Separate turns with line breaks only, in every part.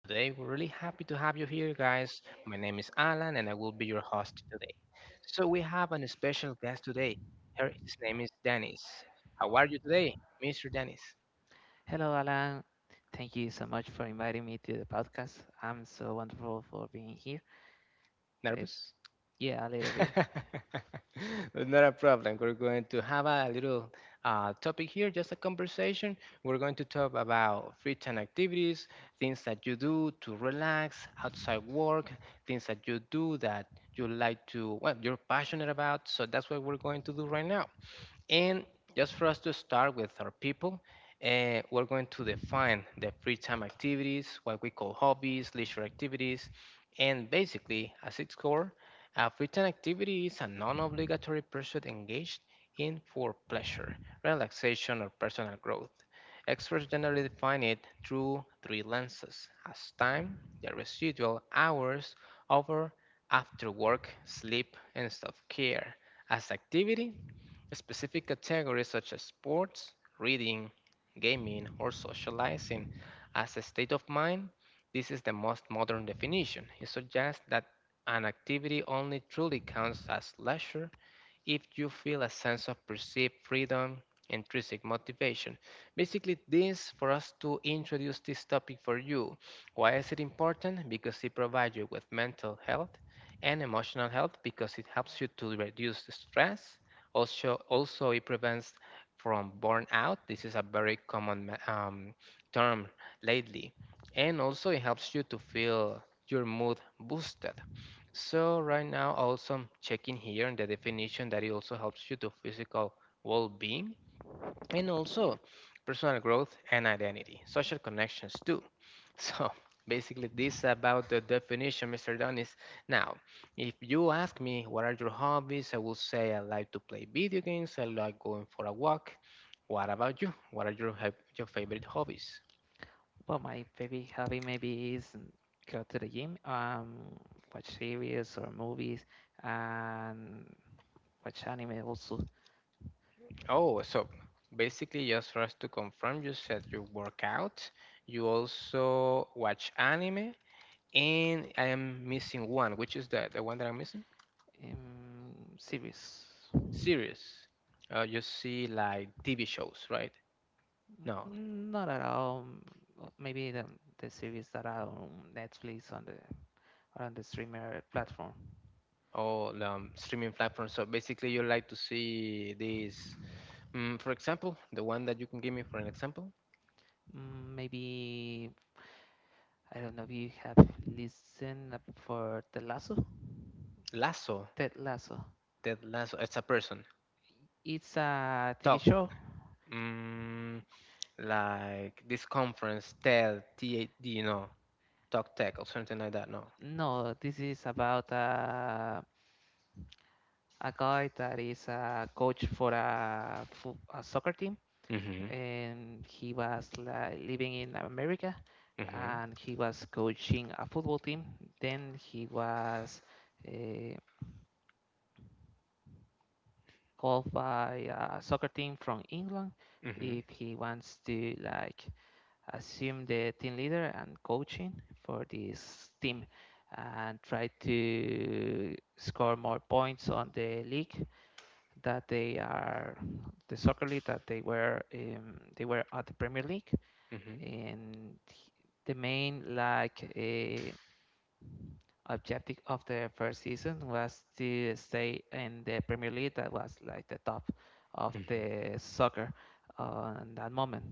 Today we're really happy to have you here, guys. My name is Alan and I will be your host today. So we have an special guest today. His name is Dennis. How are you today, Mr. Dennis?
Hello, Alan. Thank you so much for inviting me to the podcast. I'm so wonderful for being here. It,
Nervous?
yeah, a little
Yeah,
bit.
a little. Not a problem. We're going to have a little topic here, just a conversation. We're going to talk about free time activities, things that you do to relax outside work, things that you do that you you're passionate about. So that's what we're going to do right now. And just for us to start with our people, we're going to define the free time activities, what we call hobbies, leisure activities, and basically, as its core, a free time activity is a non obligatory pursuit engaged in for pleasure, relaxation, or personal growth. Experts generally define it through three lenses as time, the residual hours over after work, sleep, and self care, as activity, specific categories such as sports, reading, gaming, or socializing as a state of mind. This is the most modern definition. It suggests that an activity only truly counts as leisure if you feel a sense of perceived freedom, intrinsic motivation. Basically, this for us to introduce this topic for you. Why is it important? Because it provides you with mental health and emotional health because it helps you to reduce the stress, also it prevents from burnout. This is a very common term lately, and also it helps you to feel your mood boosted. So right now, also I'm checking here in the definition that it also helps you to physical well-being and also personal growth and identity, social connections too. So, basically, this about the definition, Mr. Donis. Now, if you ask me what are your hobbies, I will say I like to play video games, I like going for a walk. What about you? What are your your favorite hobbies?
Well, my favorite hobby maybe is go to the gym, watch series or movies, and watch anime also.
Oh, so basically, just for us to confirm, you said you work out, you also watch anime, and I am missing one, which is the one that I'm missing.
Um, Series.
Series. You see like TV shows, right? No.
Not at all. Maybe the series that are on Netflix on the or on the streamer platform.
All streaming platforms. So basically, you like to see these. Mm, for example, the one that you can give me for an example,
Maybe I don't know if you have listened up for Ted Lasso.
Lasso.
Ted Lasso.
Ted Lasso. It's a person.
It's a TV
Talk.
show.
Mm, like this conference, TED, TAD, Talk Tech or something like that. No.
No, this is about a guy that is a coach for a soccer team,
Hmm, hmm, hmm,
and he was like, living in America,
hmm,
and he was coaching a football team. Then he was uh, called by a soccer team from England
hmm, hmm.
if he wants to like assume the team leader and coaching for this team and try to score more points on the league that they are the soccer league that they were at the Premier League, and the main like objective of the first season was to stay in the Premier League that was like the top of the soccer on that moment.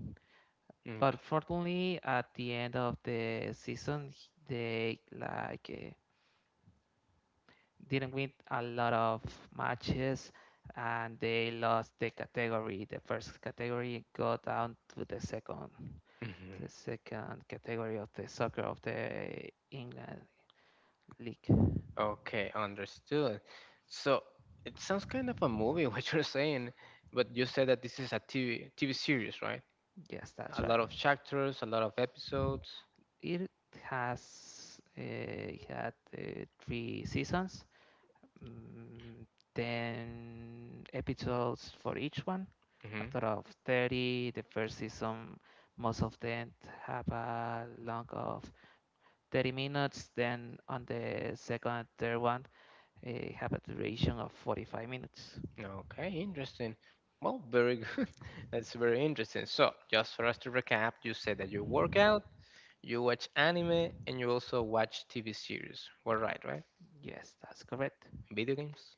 But fortunately, at the end of the season, they like didn't win a lot of matches, and they lost the category. The first category got down to the second category of the soccer of the England league.
Okay, understood. So it sounds kind of a movie, what you're saying, but you said that this is a TV series, right?
Yes, that's
A
right.
lot of chapters, a lot of episodes.
It has had three seasons. mm, 10 episodes for each one. A
Hmm.
total of 30. The first season, most of them have a long of 30 minutes. Then on the second and third one, have a duration of 45 minutes.
Okay, interesting. Well, very good. That's very interesting. So, just for us to recap, you said that you work out, you watch anime, and you also watch TV series. We're right, right?
Yes, that's correct.
Video games?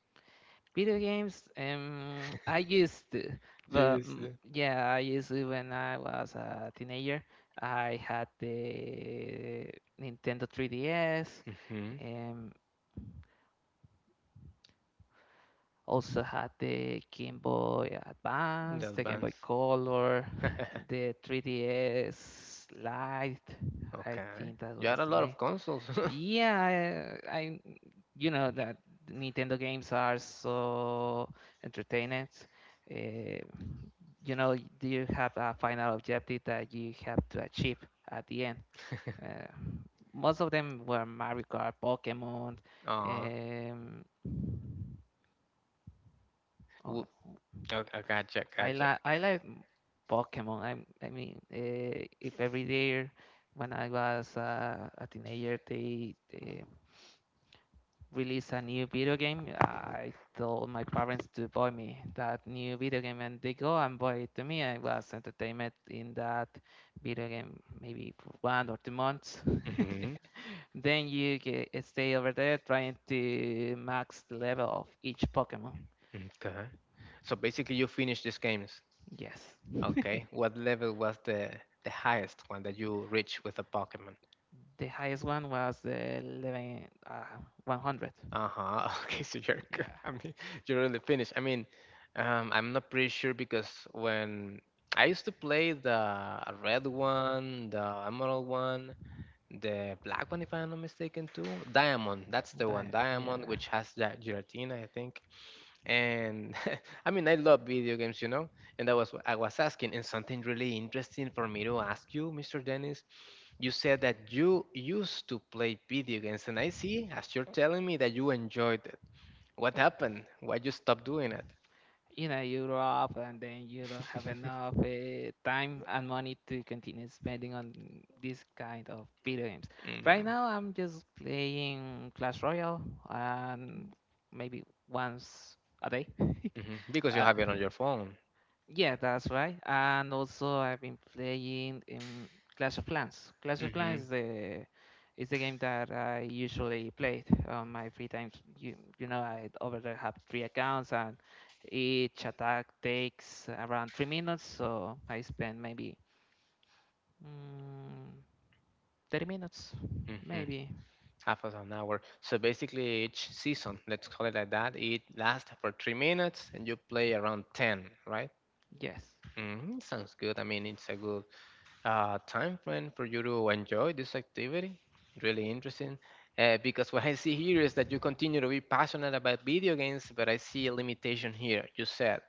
Video games, I used, to, but
Yes.
yeah, I used to when I was a teenager. I had the Nintendo 3DS,
Mhm.
um, also had the Game Boy
The
Advance, the Game Boy
advanced.
Color, the 3DS Lite. I
Okay.
think that
You
was
had a
the
lot
name.
of consoles.
Yeah, I you know that Nintendo games are so entertaining. Uh, you know, you have a final objective that you have to achieve at the end. Uh, Most of them were Mario Kart, Pokemon.
Uh,
um,
w- oh, oh, gotcha,
I
gotcha.
like I like Pokemon. I mean, if every year when I was a teenager, they release a new video game, I told my parents to buy me that new video game, and they go and buy it to me. I was entertainment in that video game maybe for 1 or 2 months.
Mm-hmm.
Then you stay over there trying to max the level of each Pokemon.
Okay. So basically, you finished these games.
Yes.
Okay. What level was the highest one that you reached with a Pokemon?
The highest one was the 11, 100.
Uh-huh. Okay.
Mm,
So you're, good.
yeah.
I mean, you're really finished. I mean, I'm not pretty sure because when I used to play the red one, the emerald one, the black one, if I'm not mistaken, too. Diamond. That's the one.
That, yeah.
Diamond, which has that Giratina, I think. And I mean, I love video games. And I was asking, and something really interesting for me to ask you, Mr. Dennis. You said that you used to play video games, and I see, as you're telling me, that you enjoyed it. What happened? Why you stopped doing it?
You grow up and then you don't have enough time and money to continue spending on this kind of video games. Right
Mm.
now, I'm just playing Clash Royale and maybe once a day.
Mhm. Because you
Uh,
have it on your phone.
Yeah, that's right. And also, I've been playing in Clash of Clans. Clash of Clans
Mhm.
is the game that I usually played on my free times. I over there have three accounts, and each attack takes around 3 minutes. So I spend maybe mm, 30 minutes,
Mhm.
maybe.
Half of an hour. So basically, each season, let's call it like that, it lasts for 3 minutes, and you play around 10, right?
Yes,
Hmm, sounds good. I mean, it's a good time frame for you to enjoy this activity. Really interesting. Because what I see here is that you continue to be passionate about video games, but I see a limitation here. You said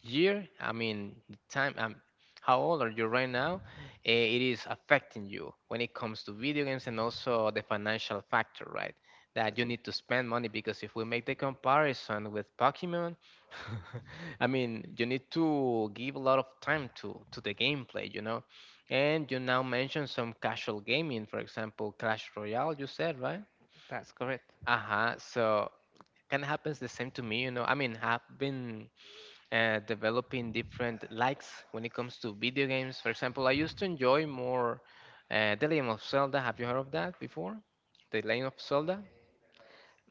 year, I mean, the time, how old are you right now? It is affecting you when it comes to video games and also the financial factor, right? That you
that's
need to spend money because if we make the comparison with Pokemon, I mean, you need to give a lot of time to the gameplay. And you now mentioned some casual gaming, for example, Clash Royale. You said, right?
that's correct.
Uh-huh. So kind of happens the same to me. I mean, I've been developing different likes when it comes to video games. For example, I used to enjoy more The Legend of Zelda. Have you heard of that before? The Legend of Zelda?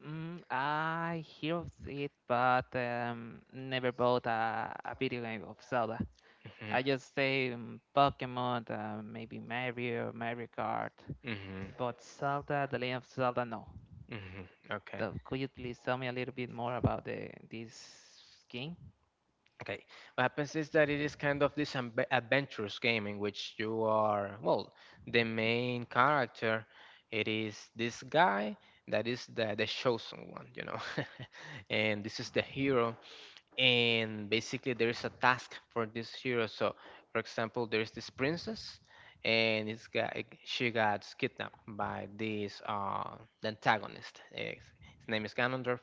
I hear of it, but never bought a video game of Zelda. I just
Hmm,
say Pokemon, maybe Mario, Mario Kart,
hmm,
but Zelda, The Legend of Zelda, no.
hmm. Okay.
So could you please tell me a little bit more about the this game?
Okay, what happens is that it is kind of this adventurous game in which you are, well, the main character. It is this guy that is the chosen one, and this is the hero and basically there is a task for this hero. So, for example, there is this princess, and it's got she got kidnapped by this the antagonist. His name is Ganondorf,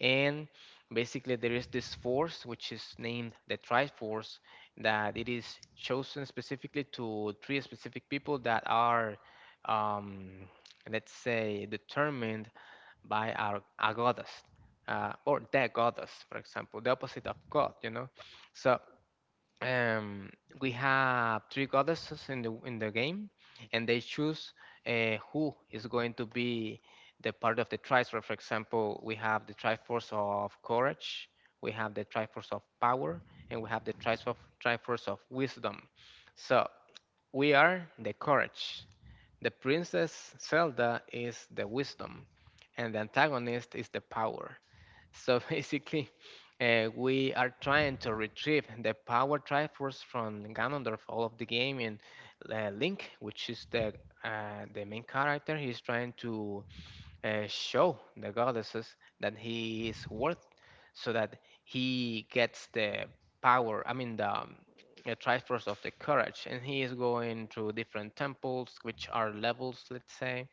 and basically there is this force which is named the Triforce that it is chosen specifically to three specific people that are. Um, let's say determined by a goddess or the goddess, for example, the opposite of God. So um, we have three goddesses in the game, and they choose who is going to be the part of the triforce. For example, we have the triforce of courage, we have the triforce of power, and we have the triforce of wisdom. So we are the courage. The princess Zelda is the wisdom, and the antagonist is the power. So basically, we are trying to retrieve the power Triforce from Ganondorf all of the game, and Link, which is the main character, he's trying to show the goddesses that he is worth so that he gets the power. I mean the triforce of the courage, and he is going to different temples, which are levels, let's say,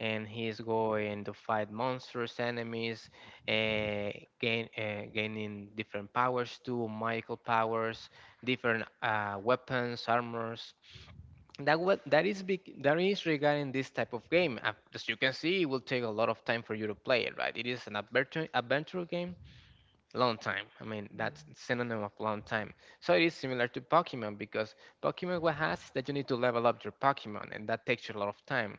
and he is going to fight monsters, enemies, uh, gaining different powers too, magical powers, different weapons, armors. That what that is big, that is regarding this type of game. As you can see, it will take a lot of time for you to play it, right? It is an adventure game, long time. I mean,
Mm.
that's synonym of long time. So it is similar to Pokemon, because Pokemon what has is that you need to level up your Pokemon, and that takes you a lot of time.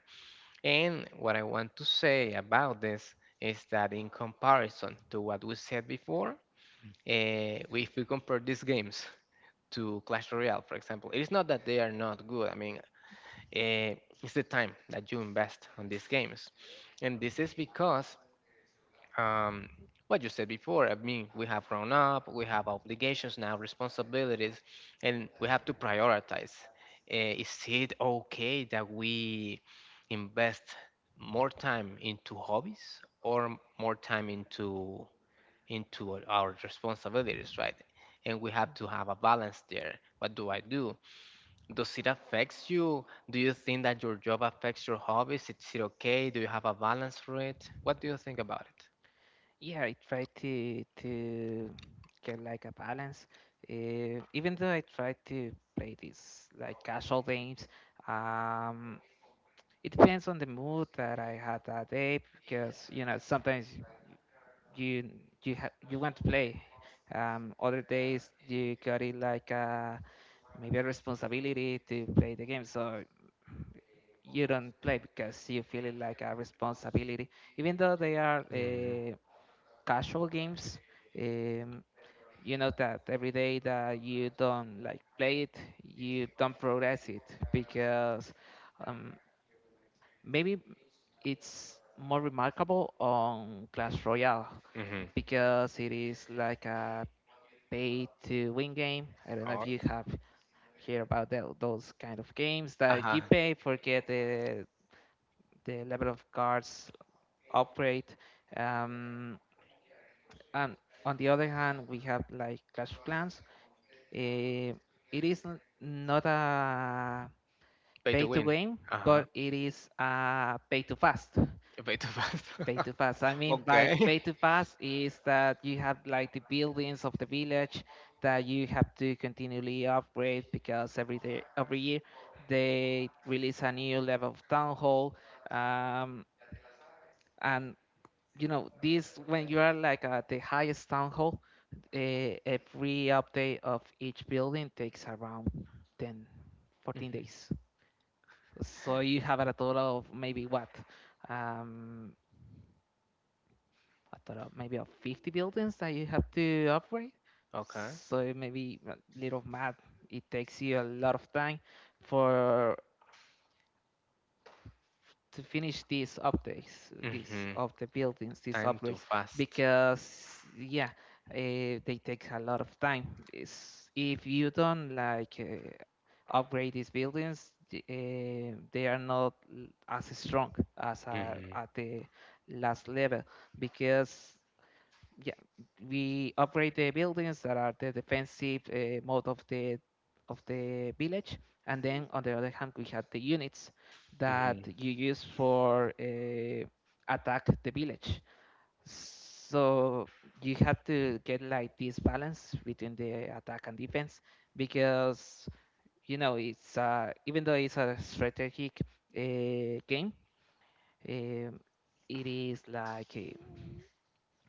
And what I want to say about this is that in comparison to what we said before, if we compare these games to Clash Royale, for example, it is not that they are not good. I mean eh, is the time that you invest on these games. And this is because um, what you said before, I mean, we have grown up, we have obligations now, responsibilities, and we have to prioritize. Is it okay that we invest more time into hobbies or more time into our responsibilities, right? And we have to have a balance there. What do I do? Does it affect you? Do you think that your job affects your hobbies? Is it okay? Do you have a balance for it? What do you think about
Yeah, I try to get like a balance. Even though I try to play these like casual games, um, it depends on the mood that I had that day because sometimes you you want to play. Other days you got it like a maybe a responsibility to play the game, so you don't play because you feel it like a responsibility, even though they are.
it? Mm-hmm.
Casual games. Um, you know that every day that you don't like play it, you don't progress it because um, maybe it's more remarkable on Clash Royale
Mm-hmm.
because it is like a pay to win game. I don't know if
Oh.
you have heard about those kind of games that
Uh-huh.
you pay for get the level of cards upgrade. Um, And on the other hand, we have like Clash of Clans. Eh, it is not a
Pay
pay
to
to
win.
game,
Uh-huh.
but it is a pay to fast.
Pay to pass.
Pay to fast. I mean, by
Okay.
pay to fast is that you have like the buildings of the village that you have to continually upgrade because every day, every year they release a new level of town hall. Um, and you know this when you are like at the highest town hall, uh, every update of each building takes around 10, fourteen
Mhm.
days so you have a total of maybe what um a total of maybe of 50 buildings that you have to upgrade.
Okay.
So maybe a little math, it takes you a lot of time for to finish these updates, these
Mm-hmm.
of the buildings, these
Time to
upgrades,
fast.
because yeah, they take a lot of time. It's, if you don't like upgrade these buildings, they are not as strong as
Mm-hmm.
at the last level because yeah, we upgrade the buildings that are the defensive mode of the village, and then on the other hand, we had the units
Mm-hmm.
that you use for attack the village. So you have to get like this balance between the attack and defense because it's even though it's a strategic game, um, it is like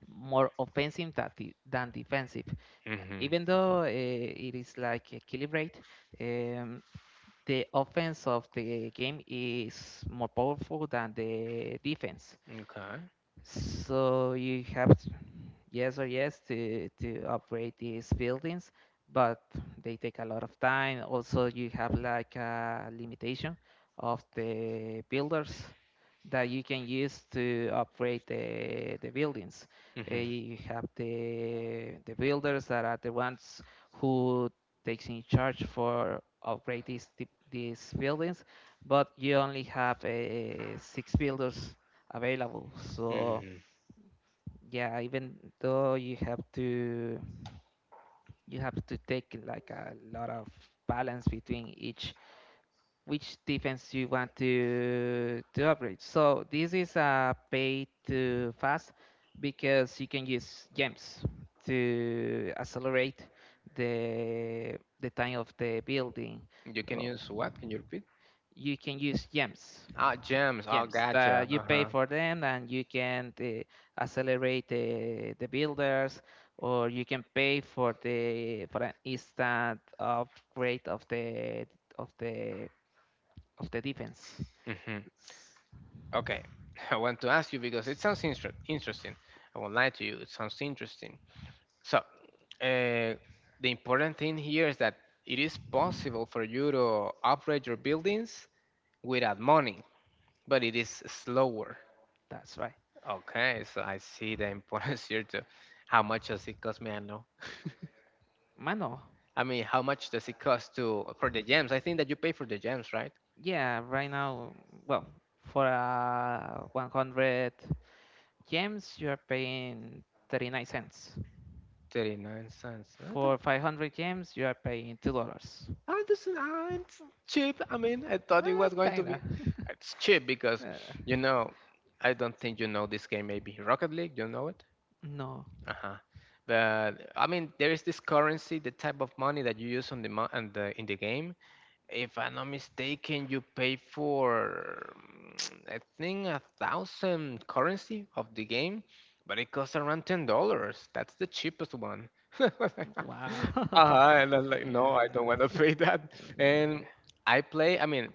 more offensive than defensive,
Mm-hmm.
even though it is like a killing rate, um, the offense of the game is more powerful than the defense.
Okay.
So you have yes or yes to upgrade these buildings, but they take a lot of time. Also, you have like a limitation of the builders that you can use to upgrade the buildings. Uh,
Mm-hmm.
You have the the builders that are the ones who takes in charge for upgrade these these buildings, but you only have six builders available. So
Mm-hmm.
yeah, even though you have to take like a lot of balance between each which defense you want to upgrade. So this is a pay to fast because you can use gems to accelerate the time of the building.
You can
So
use what? Can you repeat?
you can use gems
Ah, gems. Oh,
gems
gotcha.
that you pay
Uh-huh.
for them, and you can accelerate the builders, or you can pay for an instant upgrade of of the the defense.
Mm-hmm.
S-
Okay. I want to ask you because it sounds interesting. I won't lie to you. It sounds interesting. So, uh, the important thing here is that it is possible for you to upgrade your buildings without money, but it is slower.
that's right,
Okay, so I see the importance here too. How much does it cost me? I know.
mano.
I mean, how much does it cost to for the gems? I think that you pay for the gems, right?
Yeah, right now, well, for 100 gems you are paying 39 cents,
39 cents. I don't-
for 500 gems you are paying $2,
I doesn't. It's cheap. I mean, I thought it was going to be.
kinda.
It's cheap because,
Uh,
you know, I don't think you know this game. Maybe Rocket League. You know it?
no.
Uh-huh. But I mean, there is this currency, the type of money that you use on and the in the game. If I'm not mistaken, you pay for I think a thousand currency of the game, but it costs around $10. That's the cheapest one.
Wow.
Uh-huh, and I'm like, no, I
yeah.
don't want to pay that. And
Yeah.
I play. I mean,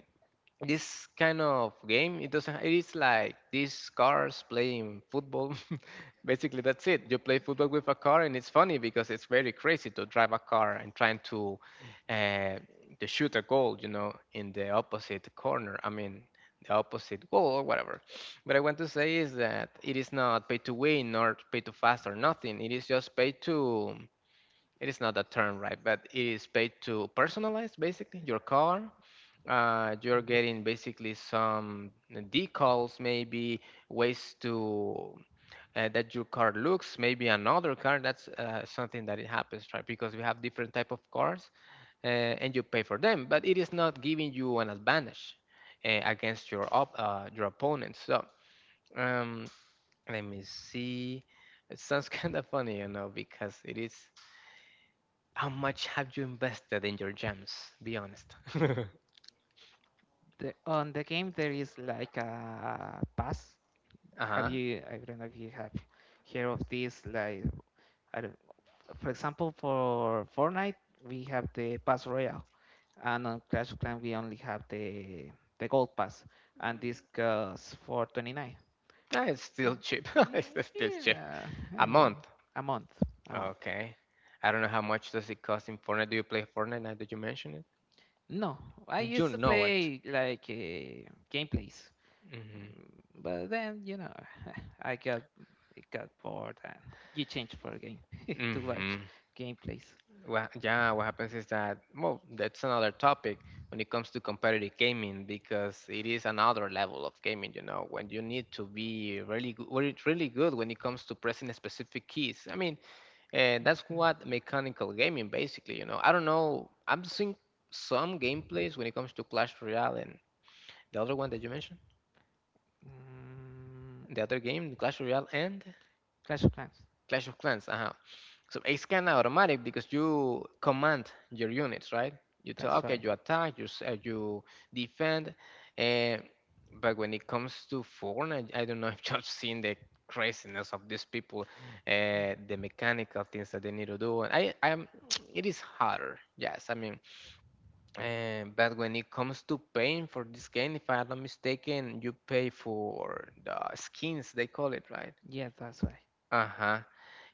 this kind of game, it doesn't it is like these cars playing football, basically. That's it, you play football with a car, and it's funny because it's very crazy to drive a car and trying uh, to shoot a goal, you know, in the opposite corner. I mean, the opposite goal, or whatever. What I want to say is that it is not pay to win, nor pay to fast, or nothing. It is just pay to, it is not a term, right, but it is pay to personalize basically your car. You're getting basically some decals, maybe ways to that your car looks, maybe another car. That's something that it happens, right? Because we have different type of cars, uh, and you pay for them, but it is not giving you an advantage against your your opponent. So um, let me see. It sounds kind of funny, you know, because it is. How much have you invested in your gems? Be honest.
On the game there is like a pass. Have
Huh.
you? I don't know if you have heard of this. Like, I don't, for example, for Fortnite we have the pass royale, and on Clash of Clans we only have the gold pass, and this goes for 29.
Ah, it's still cheap.
Mm,
It's still cheap.
yeah, I
A month.
mean a month, a month.
Okay. I don't know how much does it cost in Fortnite. Do you play Fortnite now that you mention it?
No, I
You
used to
know it.
play like gameplays.
Mm-hmm.
But then I got bored and you change for a game to
hmm
watch gameplays.
Well, yeah, what happens is that, well, that's another topic when it comes to competitive gaming, because it is another level of gaming, you know, when you need to be really good, really good when it comes to pressing specific keys. I mean, and that's
Mm.
what mechanical gaming basically, you know. I don't know. I'm seeing some gameplays when it comes to Clash Royale and the other one that you mentioned,
Mm,
the other game, Clash Royale and
Clash of Clans.
Clash of Clans. Uh huh. So it's kind of automatic because you command your units, right? You tell,
That's
okay,
why.
you attack, you you defend, and but when it comes to Fortnite, I don't know if you've seen the craziness of these people, the mechanical things that they need to do. And I'm it is harder. Yes, I mean, and but when it comes to paying for this game, if I'm not mistaken, you pay for the skins they call it, right?
Yeah, that's why.
Uh-huh.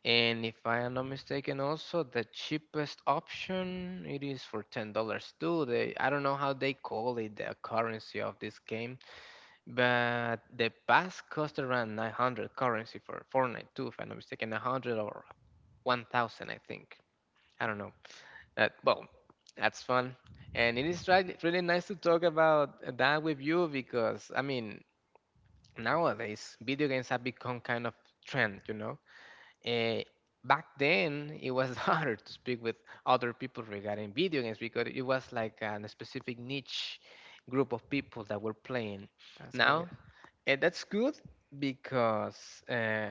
And if I am not mistaken, also the cheapest option it is for $10 too. They, I don't know how they call it, the currency of this game, but the pass cost around 900 currency for Fortnite too, if I'm not mistaken, 100 or 1000 I think. I don't know. Well, that's fun. And it is right, really nice to talk about that with you because, I mean, nowadays video games have become kind of trend, you know. Uh, Back then, it was harder to speak with other people regarding video games because it was like a specific niche group of people that were playing.
That's
Now,
correct.
and that's good because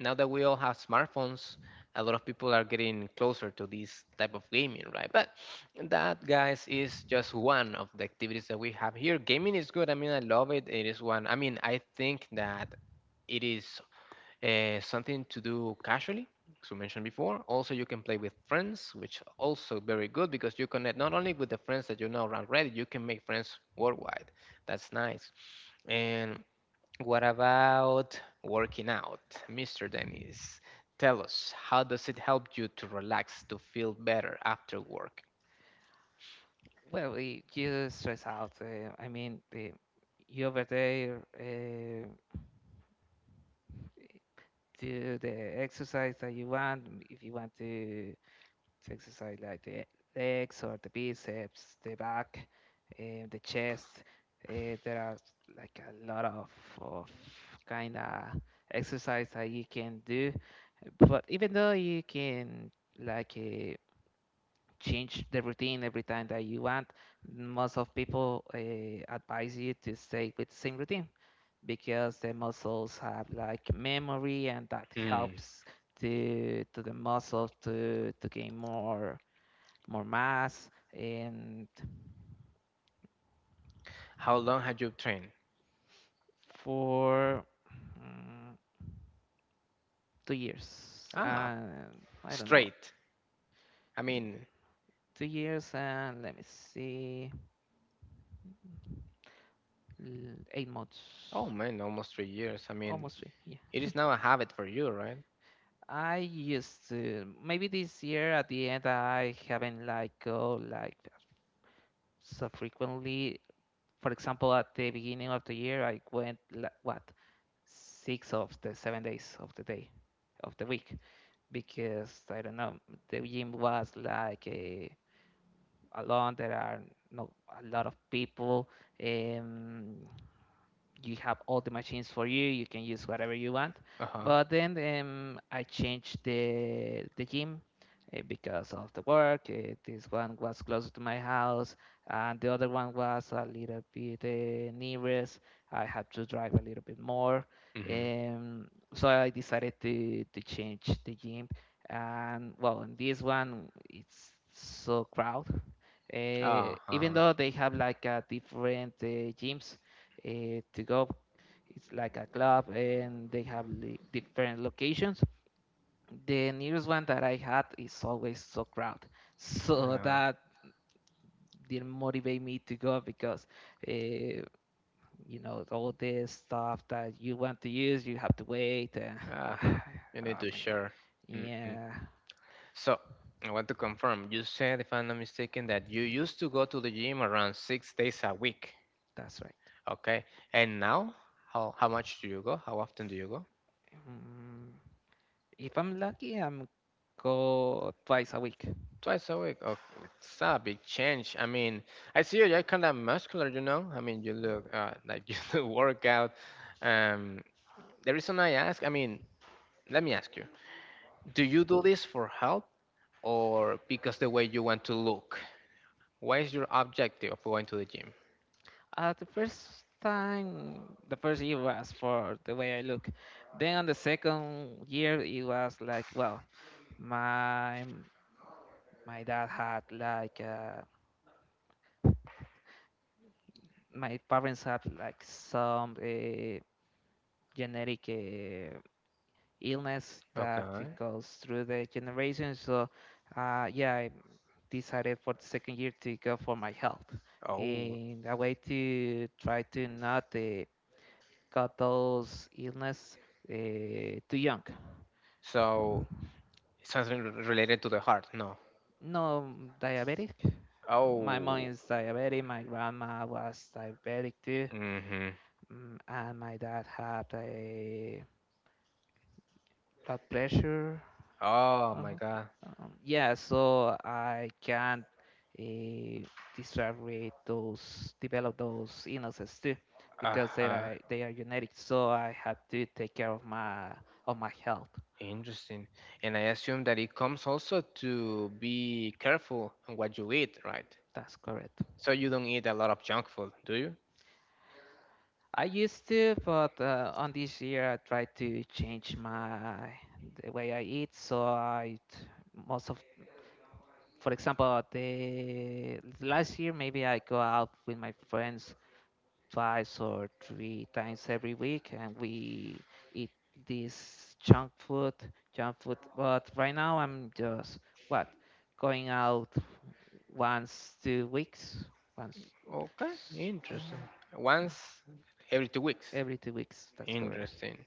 now that we all have smartphones, a lot of people are getting closer to this type of gaming, right? But that, guys, is just one of the activities that we have here. Gaming is good. I mean, I love it. It is one. I mean, I think that it is something to do casually. As we mentioned before, also you can play with friends, which also very good because you connect not only with the friends that you know already, you can make friends worldwide. That's nice. And what about working out, Mr. Dennis? Tell us, how does it help you to relax, to feel better after work?
Well, it, you stress out. I mean, you over there do the exercise that you want. If you want to exercise like the legs or the biceps, the back, the chest, there are like a lot of kind of exercise that you can do. But even though you can like change the routine every time that you want. Most of people advise you to stay with the same routine because the muscles have like memory and that
Hmm.
helps to the muscle to gain more mass. And
How long have you trained?
for mm, 2 years,
Ah,
and I don't know,
straight. I
mm,
mean,
2 years and let me see, 8 months,
oh man, almost 3 years. I mean,
almost three. Yeah,
it is now a habit for you, right?
I used to. Maybe this year at the end I haven't like go like so frequently. For example, at the beginning of the year I went like, what, six of the 7 days of the day of the week, because I don't know, the gym was like alone. There are no a lot of people. Um, you have all the machines for you. You can use whatever you want,
Uh huh.
but then I changed the gym because of the work. This one was closer to my house, and the other one was a little bit nearest. I had to drive a little bit more,
Mm-hmm.
um, so I decided to change the gym. And well, in this one it's so crowded,
Ah, uh
even
huh.
though they have like different gyms to go. It's like a club, and they have different locations. The nearest one that I had is always so crowded, so that didn't motivate me to go because, uh, all this stuff that you want to use, you have to wait.
Uh huh. You need
I
to
mean,
share. hmm
yeah,
So, I want to confirm. You said, if I'm not mistaken, that you used to go to the gym around 6 days a week.
that's right.
Okay. And now, how much do you go? How often do you go?
Um, if I'm lucky, I'm go twice a week.
Twice a week. Oh, it's a big change. I mean, I see you. You're kind of muscular, you know. I mean, you look like you do work out. Um, the reason I ask, I mean, let me ask you: do you do this for health or because the way you want to look? What is your objective of going to the gym?
The first time, the first year was for the way I look. Then on the second year, it was like, well, my my dad had like my parents had like some genetic illness that it
Okay.
goes through the generations. So, yeah, I decided for the second year to go for my health
Oh,
in a way to try to not got those illness too young.
so it's something related to the heart. No.
No diabetic. My mom
Oh.
is diabetic. My grandma was diabetic too,
Mm-hmm.
and my dad had a blood pressure.
Oh my
Uh-huh.
God.
Yeah, so I can't uh, disaggregate those, develop those illnesses too, because they
Uh-huh.
are they are genetic. So I have to take care of my health.
Interesting. And I assume that it comes also to be careful on what you eat, right?
That's correct.
So you don't eat a lot of junk food, do you?
I used to, but on this year I tried to change my the way I eat. So I most of, for example, the last year maybe I go out with my friends twice or three times every week, and we eat this junk food, junk food. But right now I'm just what going out once 2 weeks, once
Okay.
s-
Interesting.
mhm,
Once every 2 weeks.
every 2 weeks. That's correct.
Interesting.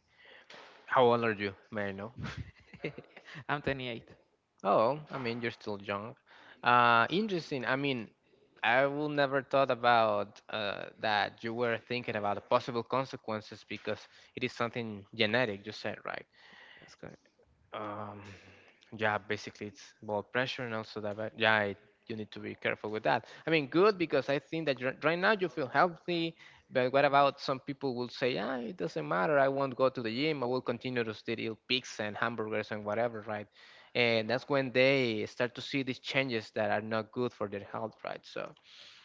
How old are you, may I know?
I'm 28.
Oh, I mean, you're still young. Interesting. I mean, I will never thought about that you were thinking about the possible consequences because it is something genetic, you said, right?
That's good.
Um, yeah, basically it's blood pressure and also diabetes. Yeah, it, you need to be careful with that. I mean, good because I think that right now you feel healthy, but what about some people will say, yeah, it doesn't matter. I won't go to the gym. I will continue to still eat pigs and hamburgers and whatever, right? And that's when they start to see these changes that are not good for their health, right? So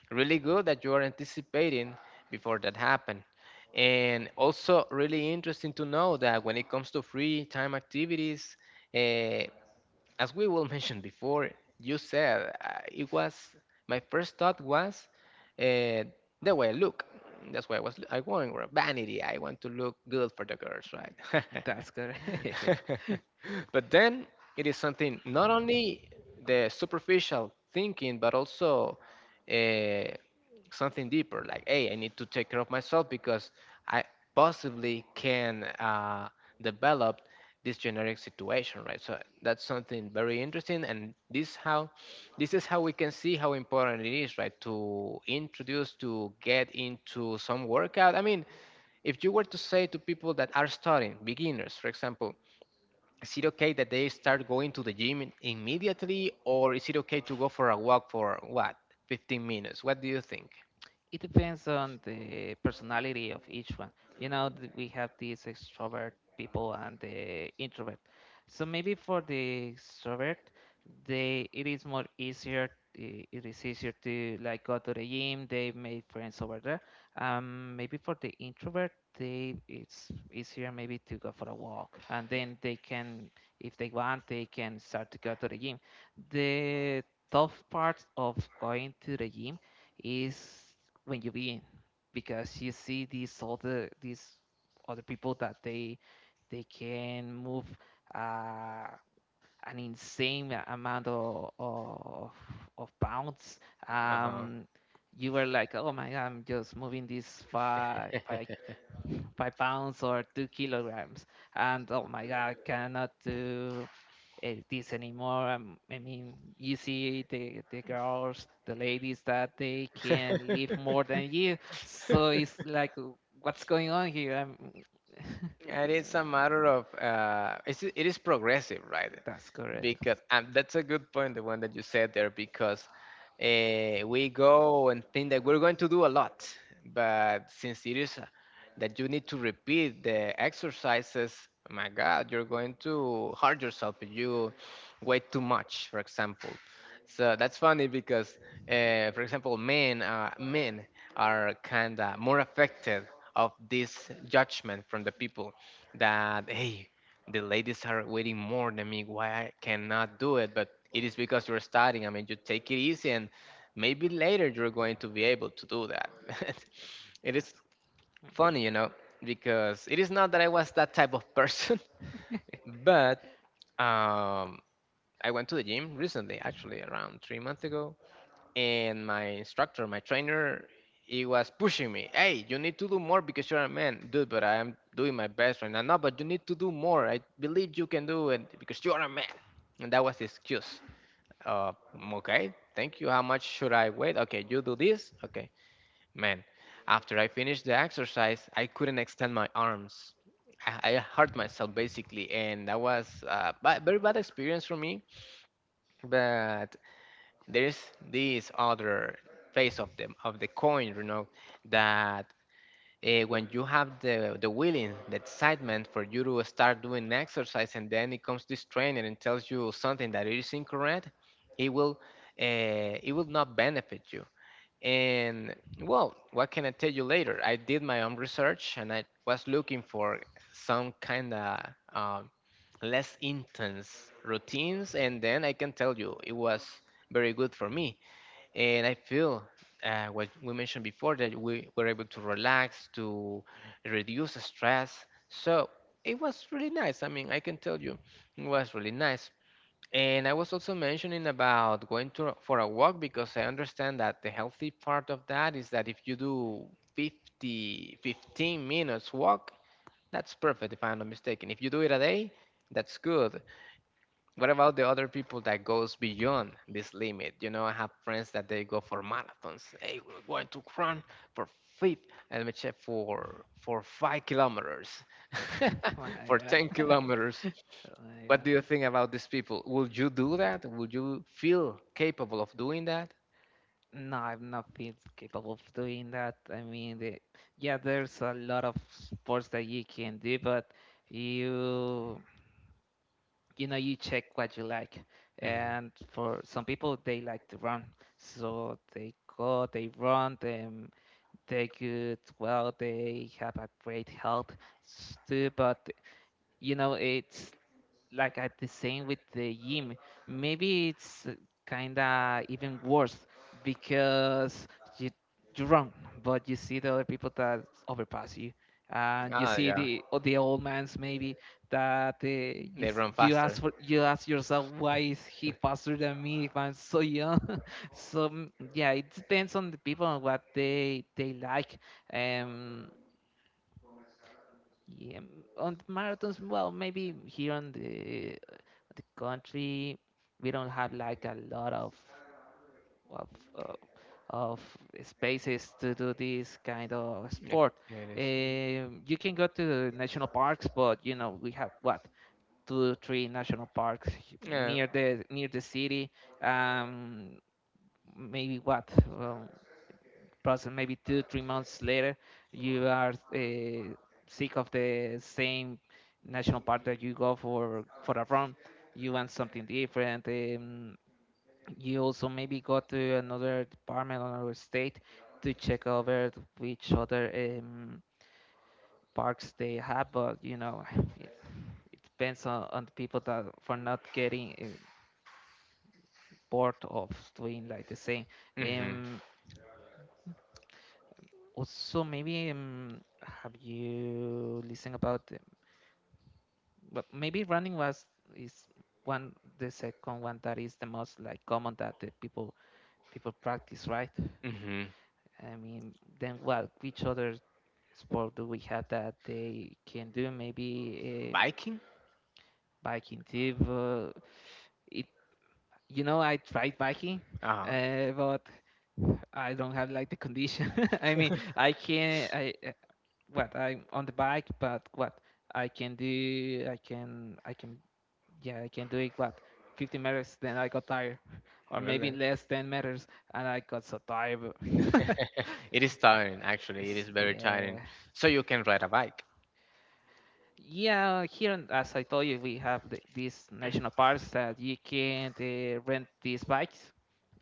really good that you are anticipating before that happened. And also really interesting to know that when it comes to free time activities, uh, as we will mention before, you said it was, my first thought was uh, the way I look. That's why I was I going with vanity. I want to look good for the girls, right?
That's good.
But then it is something not only the superficial thinking, but also uh, something deeper. Like, hey, I need to take care of myself because I possibly can develop this generic situation, right? So that's something very interesting, and this how, this is how we can see how important it is, right, to introduce, to get into some workout. I mean, if you were to say to people that are starting, beginners, for example, is it okay that they start going to the gym immediately, or is it okay to go for a walk for what, 15 minutes? What do you think?
It depends on the personality of each one. You know, we have these extrovert people and the introvert. So maybe for the extrovert, they it is more easier. It is easier to like go to the gym. They made friends over there. Maybe for the introvert, they it's easier maybe to go for a walk, and then they can, if they want, they can start to go to the gym. The tough part of going to the gym is when you be because you see these other people that they can move uh, an insane amount of pounds,
Uh-huh.
um you were like, oh my god, I'm just moving these five pounds or 2 kilograms. And oh my God, I cannot do this anymore. I mean, you see the girls, the ladies that they can live more than you. So it's like, what's going on here? I'm,
And it's a
Uh,
matter of it's, it is progressive, right?
that's correct.
Because, and that's a good point the one that you said there, because we go and think that we're going to do a lot, but since it is that you need to repeat the exercises, my god, you're going to hurt yourself if you wait too much, for example. So that's funny because for example, men, men are kind of more affected of this judgment from the people that, hey, the ladies are waiting more than me, why I cannot do it? But it is because you're studying, I mean, you take it easy and maybe later you're going to be able to do that. It is
That's
funny, you know, because it is not that I was that type of person, but um, I went to the gym recently actually around 3 months ago, and my instructor, my trainer, he was pushing me. Hey, you need to do more because you're a man, dude. But I am doing my best right now. No, but you need to do more. I believe you can do it because you're a man. And that was the excuse. "Mm, okay, thank you. How much should I wait? Okay, you do this. Okay, man. After I finished the exercise, I couldn't extend my arms. I hurt myself basically, and that was a very bad experience for me. But there's this other face of the, of the coin, you know, that when you have the willing, the excitement for you to start doing exercise, and then it comes this trainer and tells you something that is incorrect, it will it will not benefit you. And well, what can I tell you, later I did my own research and I was looking for some kind of um, less intense routines, and then I can tell you it was very good for me, and I feel what we mentioned before, that we were able to relax, to reduce the stress. So it was really nice. I mean, I can tell you, it was really nice. And I was also mentioning about going to for a walk because I understand that the healthy part of that is that if you do 50, 15 minutes walk, that's perfect if I'm not mistaken. If you do it a day, that's good. What about the other people that goes beyond this limit? You know, I have friends that they go for marathons. Hey, we're going to run for feet. Let me check for 5 kilometers,
my
for ten
God.
kilometers.
Oh my
What
God.
do you think about these people? Would you do that? Would you feel capable of doing that?
No, I'm not feel capable of doing that. I mean, yeah, there's a lot of sports that you can do, but you you know you check what you like. And for some people, they like to run, so they go, they run, them they good. Well, they have a great health too, but you know it's like at the same with the gym. Maybe it's kind of even worse because you you run, but you see the other people that overpass you, and you
Ah,
see
yeah,
the or the old man's maybe that you
they run
you
faster.
ask for you ask yourself why is he faster than me if I'm so young. So yeah, it depends on the people and what they like. Um, yeah, on the marathons, well, maybe here on the country, we don't have like a lot of uh, of spaces to do this kind of
Yeah,
sport.
it is.
You can go to national parks, but you know we have what two, three national parks
Yeah.
near the city. Um, Maybe what? um, Process maybe 2 3 months later you are sick of the same national park that you go for a run. You want something different. You also maybe go to another department or another state to check over which other parks they have, but you know it, it depends on the people that for not getting bored of doing like the same.
Mm-hmm.
um, Also, maybe have you listened about but maybe running was is one the second one that is the most like common that the people practice, right?
Mm-hmm.
I mean, then what? Which other sport do we have that they can do? Maybe
Biking?
biking too. It you know I tried biking,
Uh-huh.
but I don't have like the condition. I mean, I can I what I'm on the bike, but what I can do, yeah, I can do it. What 50 meters, then I got tired, or maybe
Really?
less 10 meters, and I got so tired.
It is tiring, actually. It
It's-
is very
yeah,
tiring. So you can ride a bike.
yeah. Here, as I told you, we have these national parks that you can rent these bikes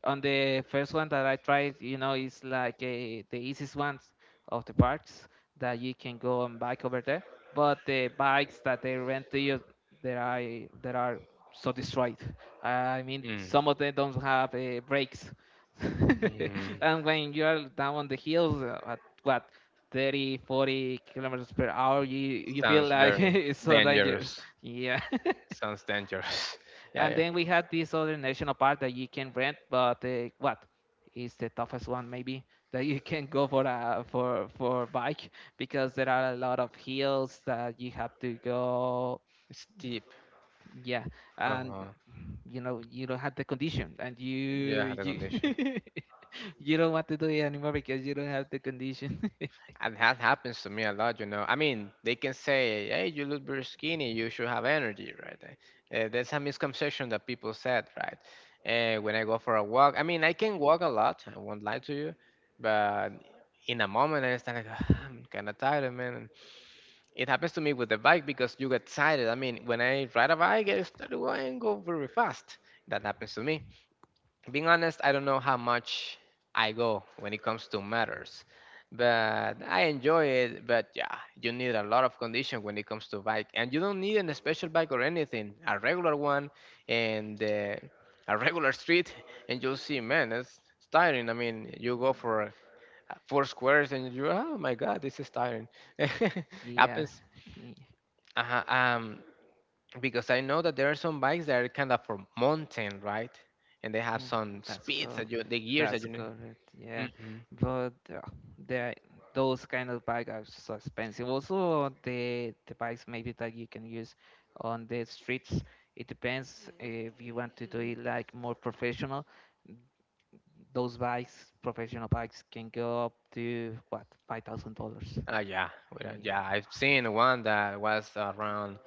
on the first one that I tried, you know, it's like the easiest ones of the parks that you can go and bike over there. But the bikes that they rent to you, that are so destroyed. I mean,
Mm.
some of them don't have brakes,
Mhm.
and when you are down on the hills at what 30, 40 kilometers per hour, you feel
Sounds
like
very
it's so
dangerous.
dangerous. Yeah.
Sounds dangerous. Yeah,
And
yeah.
then we had this other national park that you can rent, but what is the toughest one maybe that you can go for a for for bike because there are a lot of hills that you have to go.
It's deep.
Yeah,
Uh
and
huh.
you know you don't have the condition, and
Yeah, the
you
condition.
you don't want to do it anymore because you don't have the condition.
And that happens to me a lot. I mean, they can say, "Hey, you look very skinny. You should have energy, right?" That's a misconception that people said, right? When I go for a walk, I mean, I can walk a lot. I won't lie to you, but in a moment, I start like, "Ah, I'm kind of tired, man." It happens to me with the bike because you get tired. I mean, when I ride a bike, I start going go very fast. That happens to me. Being honest, I don't know how much I go when it comes to matters, but I enjoy it. But yeah, you need a lot of condition when it comes to bike, and you don't need an special bike or anything. A regular one and a regular street, and you'll see, man, it's tiring. I mean, you go for four squares, and you, oh my God, this is tiring.
Yeah.
Happens uh um, because I know that there are some bikes that are kind of for mountain, right? And they have
Mm,
some
That's
speeds that
correct.
you, the gears that
That's
you need.
correct. Yeah,
Mm-hmm.
but there those kind of bike are so expensive. Also, the bikes maybe that you can use on the streets. It depends if you want to do it like more professional. Those bikes, professional bikes, can go up to what $5,000.
Yeah, we don't-
Yeah.
yeah. I've seen one that was around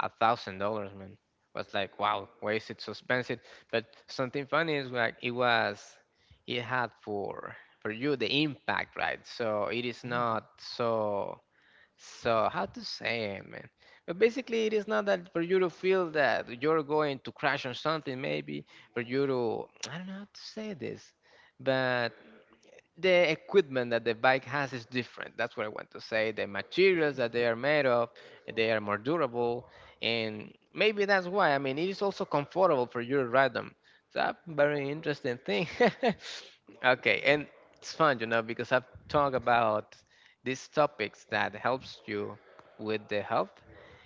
$1,000, man. Was like, wow, why is it so expensive? But something funny is like it was, it had for you the impact, right? So it is
Mm.
not so. So, how to say it, man? But basically, it is not that for you to feel that you're going to crash on something, maybe for you to, I don't know how to say this, but the equipment that the bike has is different. That's what I want to say. The materials that they are made of, they are more durable, and maybe that's why. I mean, it is also comfortable for you to ride them. It's a very interesting thing. Okay, and it's fun, because I've talked about these topics that helps you with the health,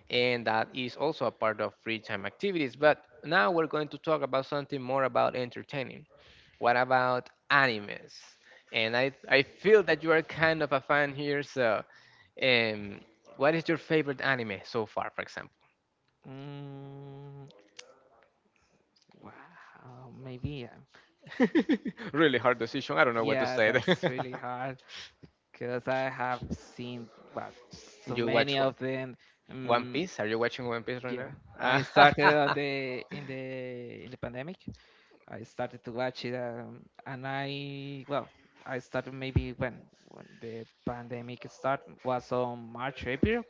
and that is also a part of free time activities. But now we're going to talk about something more about entertaining. What about animes? And I feel that you are kind of a fan here, so um, what is your favorite anime so far, for example?
Mm, mm, wow, maybe.
Really hard decision. I don't know what to
Yeah,
say.
that's really hard because I have seen what so
You watch
many
One
of them.
One
Um,
Piece? Are you watching One Piece right
yeah,
now?
I
Ah,
started on the in the in the pandemic. I started to watch it, and I well, I started maybe when the pandemic start was on March April,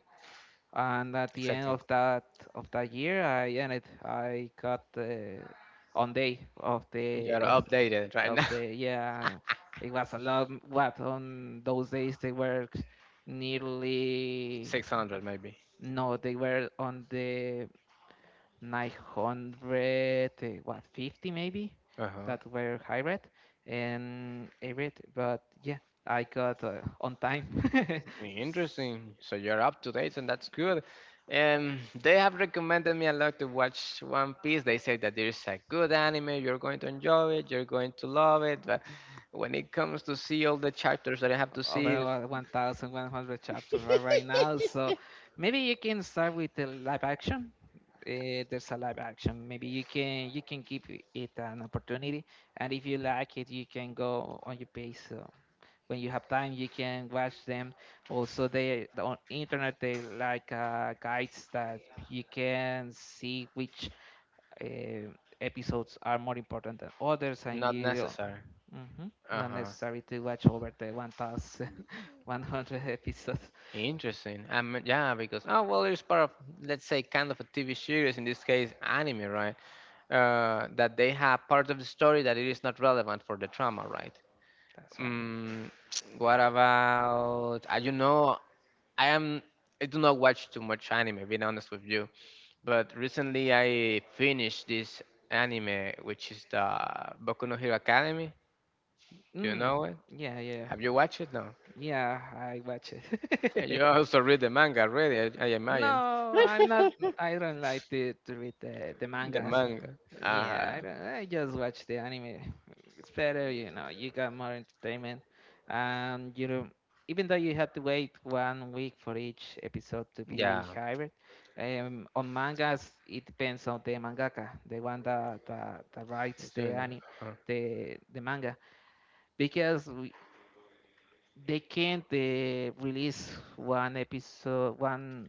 and at the end
exactly.
of that year, I ended. I got the on day
You're updated right
of
now.
the yeah it was a lot what on those days they were nearly
600 maybe.
no they were on the 900 what 50 maybe
Uh-huh.
that were hybrid and hybrid, but yeah I got on time S-
Interesting. So you're up to date, and that's good. They have recommended me a lot to watch One Piece. They say that there's a good anime. You're going to enjoy it. You're going to love it. But when it comes to see all the chapters that I have to
over
see,
1100 chapters right right now. So maybe you can start with the live action. There's a live action, maybe you can give it an opportunity, and if you like it you can go on your pace. So when you have time you can watch them. Also they on internet they like guides that you can see which uh, episodes are more important than others and
not
you
necessary.
Mhm.
Uh
Not
huh.
necessary to watch over the 1000 100 episodes.
Interesting. Yeah, because oh well, it's part of let's say kind of a TV series in this case, anime, right? That they have part of the story that it is not relevant for the drama, right?
That's right.
Mm. What about I you know I am I do not watch too much anime, being honest with you. But recently I finished this anime which is the Boku no Hero Academy. Do you
Mm,
know it?
yeah, yeah,
Have you watched it? No.
yeah. I watch
Yeah,
it.
you also read the manga already, I imagine.
No, I'm not. I don't like to read the
The
mangas.
manga.
Yeah, I
Uh,
don't. I just watch the anime. It's better, you know. You got more entertainment, and you don't. Even though you have to wait 1 week for each episode to
yeah.
be hired, on mangas it depends on the mangaka, the one that writes
It's
the
in there.
anime,
Uh-huh.
the manga. Because we, they can't release one episode one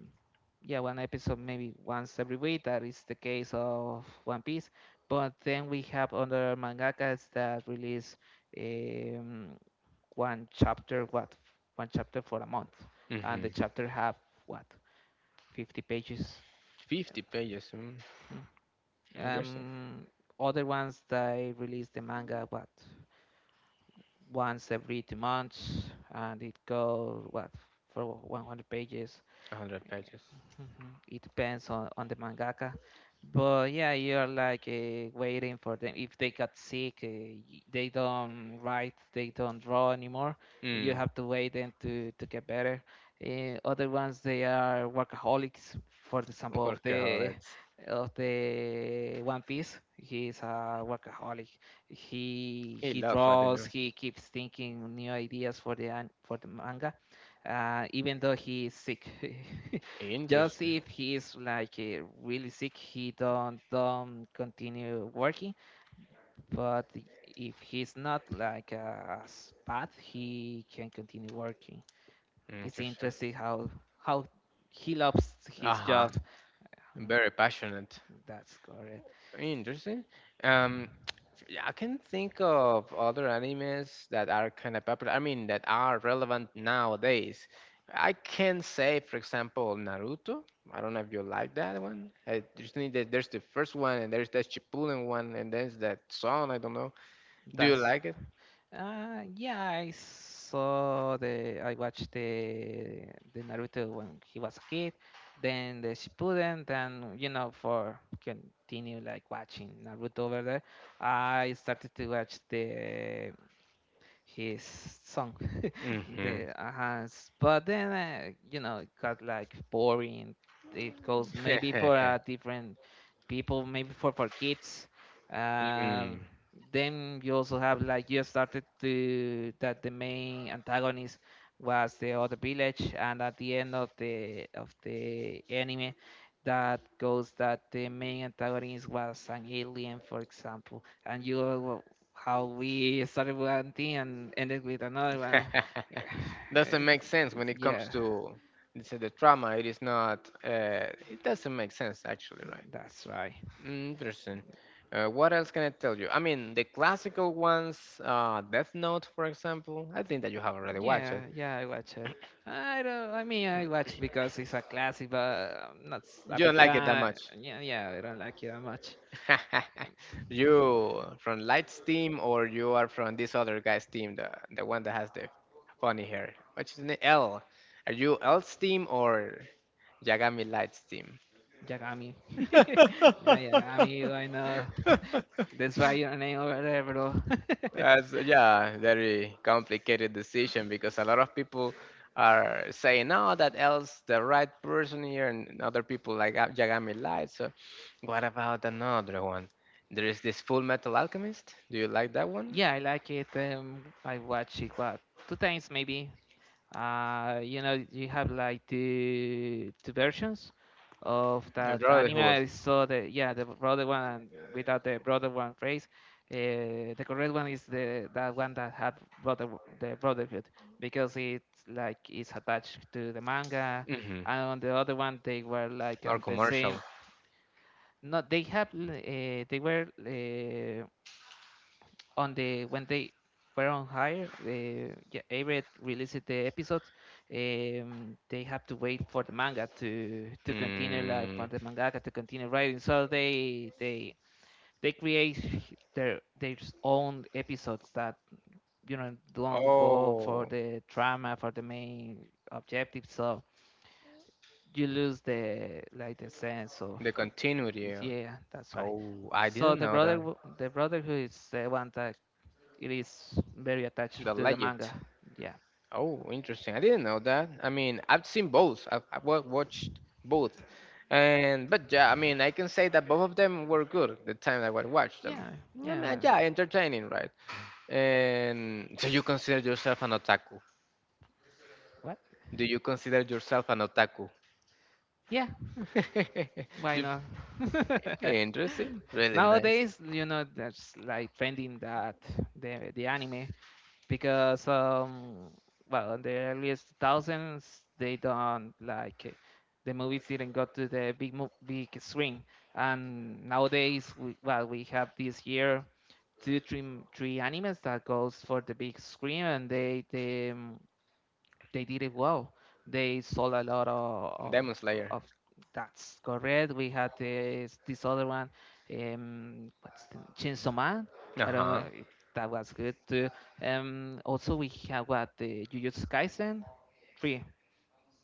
yeah one episode maybe once every week, that is the case of one piece. But then we have other mangakas that release um, one chapter what one chapter for a month, and the
Hmm.
chapter have what 50 pages
50 pages. Mm.
Mhm.
Interesting.
um other ones that release the manga what once every 2 months, and it goes what for 100 pages.
100 pages.
Mhm. It depends on the mangaka, but yeah, you're like waiting for them. If they got sick, they don't write, they don't draw anymore. You
Mm.
have to wait them to get better. Other ones, they are workaholics. For example, of
Workaholics.
the One Piece, he's a workaholic.
He
He
loves what he
draws.
does.
He keeps thinking new ideas for for the manga, even though he is sick. Just
Interesting.
if he's like really sick he don't continue working, but if he's not like as bad he can continue working. It's
Interesting.
interesting how he loves
Uh
his
huh.
job. Mm,
Very passionate.
that's correct.
Interesting. Um, Yeah, I can think of other animes that are kind of popular. I mean, that are relevant nowadays. I can say, for example, Naruto. I don't know if you like that one. I just need that there's the first one, and there's that Shippuden one, and there's that song. I don't know. Do you
That's
like it?
Yeah, I saw the I watched the Naruto when he was a kid, then the Shippuden, then you know for continue like watching Naruto over there. I started to watch the his song
Mm-hmm.
the has, but then it got like boring. It goes maybe for different people, maybe for kids. uh,
mm
then you also have like you started to that the main antagonist was the other village, and at the end of the anime that goes that the main antagonist was an alien, for example. And you how we started with one thing and ended with another one.
doesn't
It's,
make sense when it comes
yeah,
to let's say the trauma. It is not. It doesn't make sense actually, right?
that's right.
Interesting. What else can I tell you? I mean, the classical ones, Death Note, for example. I think that you have already watched it.
Yeah, yeah, I watch it. I don't. I mean, I watch it because it's a classic, but I'm not a
You don't
big
like it that
fan.
much.
Yeah, yeah, I don't like it that much. Um,
You from Light's team, or you are from this other guy's team, the one that has the funny hair. What's his name? L. Are you L's team or? Yagami Lights team.
Yagami. Yeah, yeah, I mean, I know. That's why your name over there, bro.
That's yeah, very complicated decision because a lot of people are saying no that else the right person here and other people like Yagami Light. So what about another one? There is this Full Metal Alchemist. Do you like that one?
Yeah, I like it. I watch it, what, two times maybe. You have like two versions of
The
that anime.
Brotherhood.
I saw the yeah, the brother one, and without the brother one phrase. The correct one is the that one that had brother the brotherhood, because it's attached to the manga,
Hmm.
and on the other one they were like
More
on the
commercial.
same. No, they have they were, on the when they were on hire. Yeah, A-Red released the episodes. They have to wait for the manga to continue, like
Mm,
for the mangaka to continue writing. So they create their own episodes that don't go for
oh,
the drama, for the main objective. So you lose the sense of,
the
of
continuity.
yeah, that's right.
Oh, I
So
didn't
the
know
brother,
that.
the brother, who is the one that it is very
The
attached to the
legend.
manga. Yeah,
Oh, interesting. I didn't know that. I mean, I've seen both. Watched both, and but yeah, I mean, I can say that both of them were good the time I would watch them.
yeah,
I
yeah.
mean, yeah, entertaining, right? And do you consider yourself an otaku?
What?
Do you consider yourself an otaku?
Yeah, why
You-
not?
Interesting. Really nice.
Nowadays, that's like trending, that the anime, because well, in the earliest two thousands, they don't like, the movies didn't go to the big big screen, and nowadays, well, we have this year two three three animes that goes for the big screen, and they did it well. They sold a lot of of,
Demon Slayer.
of that's correct. We had this other one, what's the Chainsaw Man,
Uh
I don't
huh.
know. That was good too. Also we have, what, the Jujutsu Kaisen three.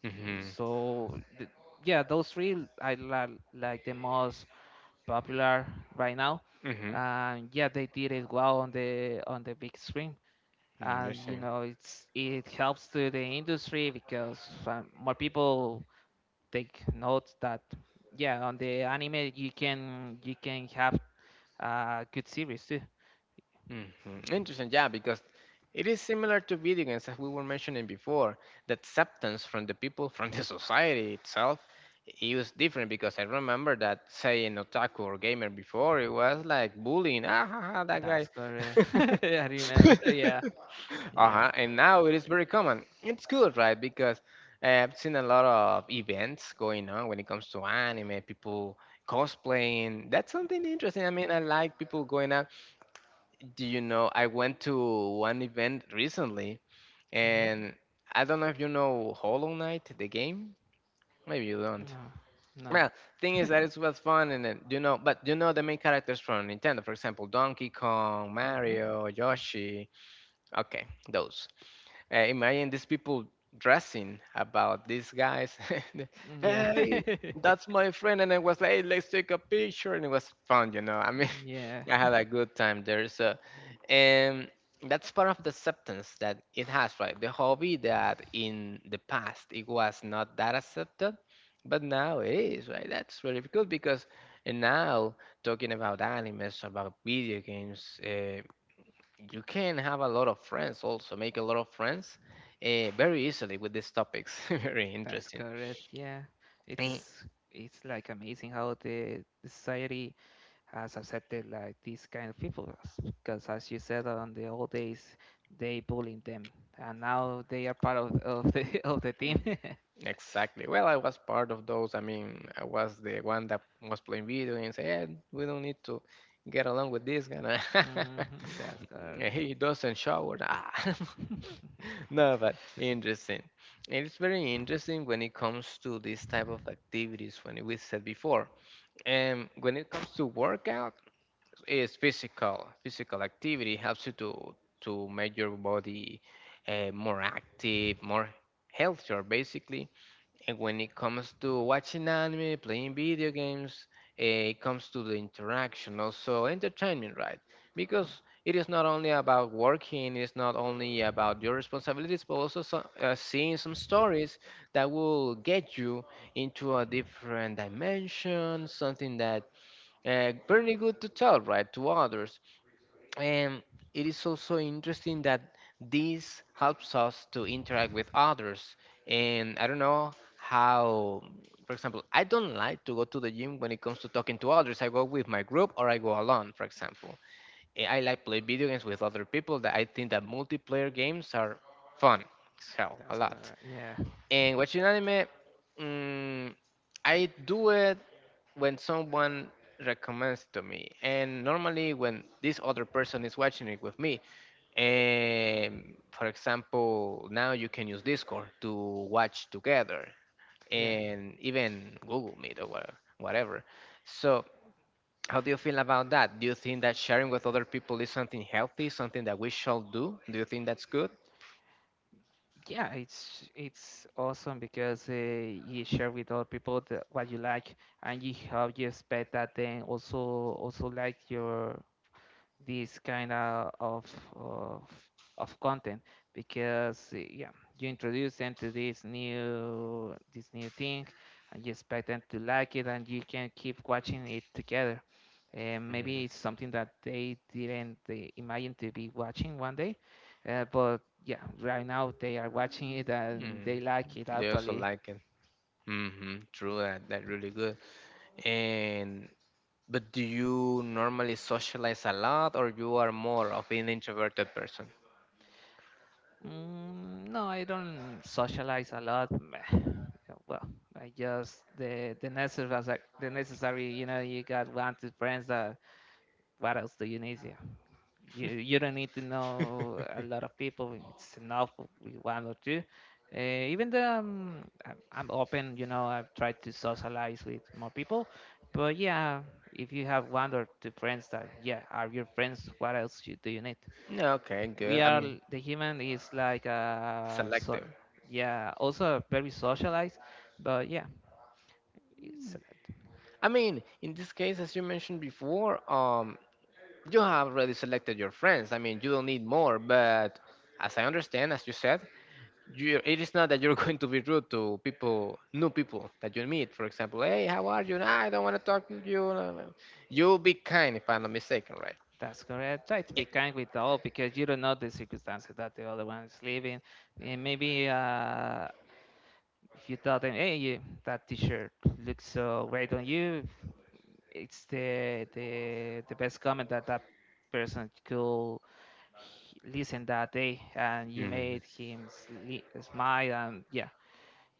Mhm.
So, yeah, those three I like, the most popular right now.
Mhm.
And yeah, they did it well on the big screen, and you
Interesting.
know it's it helps to the industry, because more people take notes that, yeah, on the anime you can have a good series too.
Mhm. Interesting, yeah, because it is similar to video games as we were mentioning before. The acceptance from the people, from the society itself, it was different because I remember that saying otaku or gamer before, it was like bullying. Ah, ha, ha, that
That's
guy.
correct. I remember. Yeah, yeah.
Uh-huh. And now it is very common. It's good, right? Because I've seen a lot of events going on when it comes to anime, people cosplaying. That's something interesting. I mean, I like people going out. Do you know, I went to one event recently,
Mhm.
and I don't know if you know Hollow Knight, the game? Maybe you don't.
No, no.
Well, thing is that it was fun, and then, but you know the main characters from Nintendo, for example, Donkey Kong, Mario, Yoshi. Okay, those. Imagine these people dressing about these guys.
Hmm. Yeah.
Hey, that's my friend, and I was like, hey, let's take a picture, and it was fun. I mean,
Yeah.
I had a good time there. So, and that's part of the acceptance that it has, right? The hobby that in the past it was not that accepted, but now it is, right? That's really good because, and now talking about animes, about video games. You can have a lot of friends also make a lot of friends very easily with these topics. Very
That's
interesting.
correct. Yeah,
Mm,
it's like amazing how the society has accepted like these kind of people, because, as you said, on the old days they bullied them, and now they are part of the of the team.
mm, exactly. Well, I was part of those. I mean, I was the one that was playing video games. Yeah, we don't need to get along with this guy.
Hmm. That's correct.
He doesn't shower. Ah. No, but interesting. It's very interesting when it comes to this type of activities when we said before. And when it comes to workout, is physical. Physical activity helps you to make your body more active, more healthier, basically. And when it comes to watching anime, playing video games, it comes to the interaction, also entertainment, right? Because it is not only about working, it is not only about your responsibilities, but also seeing some stories that will get you into a different dimension, something that pretty good to tell, right, to others. And it is also interesting that this helps us to interact with others. And I don't know, how, for example, I don't like to go to the gym when it comes to talking to others. I go with my group or I go alone, for example. I like play video games with other people that I think that multiplayer games are fun so a
That's
lot.
correct. Yeah,
And watching anime, mm, I do it when someone recommends to me, and normally when this other person is watching it with me. And for example, now you can use Discord to watch together,
yeah.
and even Google Meet or whatever. So, how do you feel about that? Do you think that sharing with other people is something healthy, something that we shall do? Do you think that's good?
Yeah, it's awesome, because you share with other people what you like, and you expect that they also like your, this kind of of content, because yeah, you introduce them to this new thing, and you expect them to like it, and you can keep watching it together, and maybe
Mhm.
it's something that they didn't, imagine to be watching one day, but yeah, right now they are watching it, and they
Mm.
like it,
They also
actually.
like it. Mm-hmm. True that. That really good. And but do you normally socialize a lot, or you are more of an introverted person?
Mm, no, I don't socialize a lot. Meh, yeah, well, I just the necessary, the necessary. You got one two friends. That What else do you need? Yeah. You don't need to know a lot of people. It's enough with one or two. Uh, Even though I'm, I'm open. I've tried to socialize with more people, but yeah, if you have one or two friends that, yeah, are your friends, what else do you need?
No. Okay,
We
good.
are the human is like, so,
Selective.
yeah, also very socialized, but yeah, it's a lot.
I mean, in this case, as you mentioned before, you have already selected your friends. I mean, you don't need more. But as I understand, as you said, you it is not that you're going to be rude to people new people that you meet. For example, hey, how are you, "Nah, I don't want to talk to you, blah, blah." You'll be kind, if I'm not mistaken, right?
That's correct. Try to be kind with all, because you don't know the circumstances that the other one is living, and maybe, if you tell them, hey, that t-shirt looks so great on you, it's the best comment that that person could listen that day, and you
Mm-hmm.
made him smile, and yeah,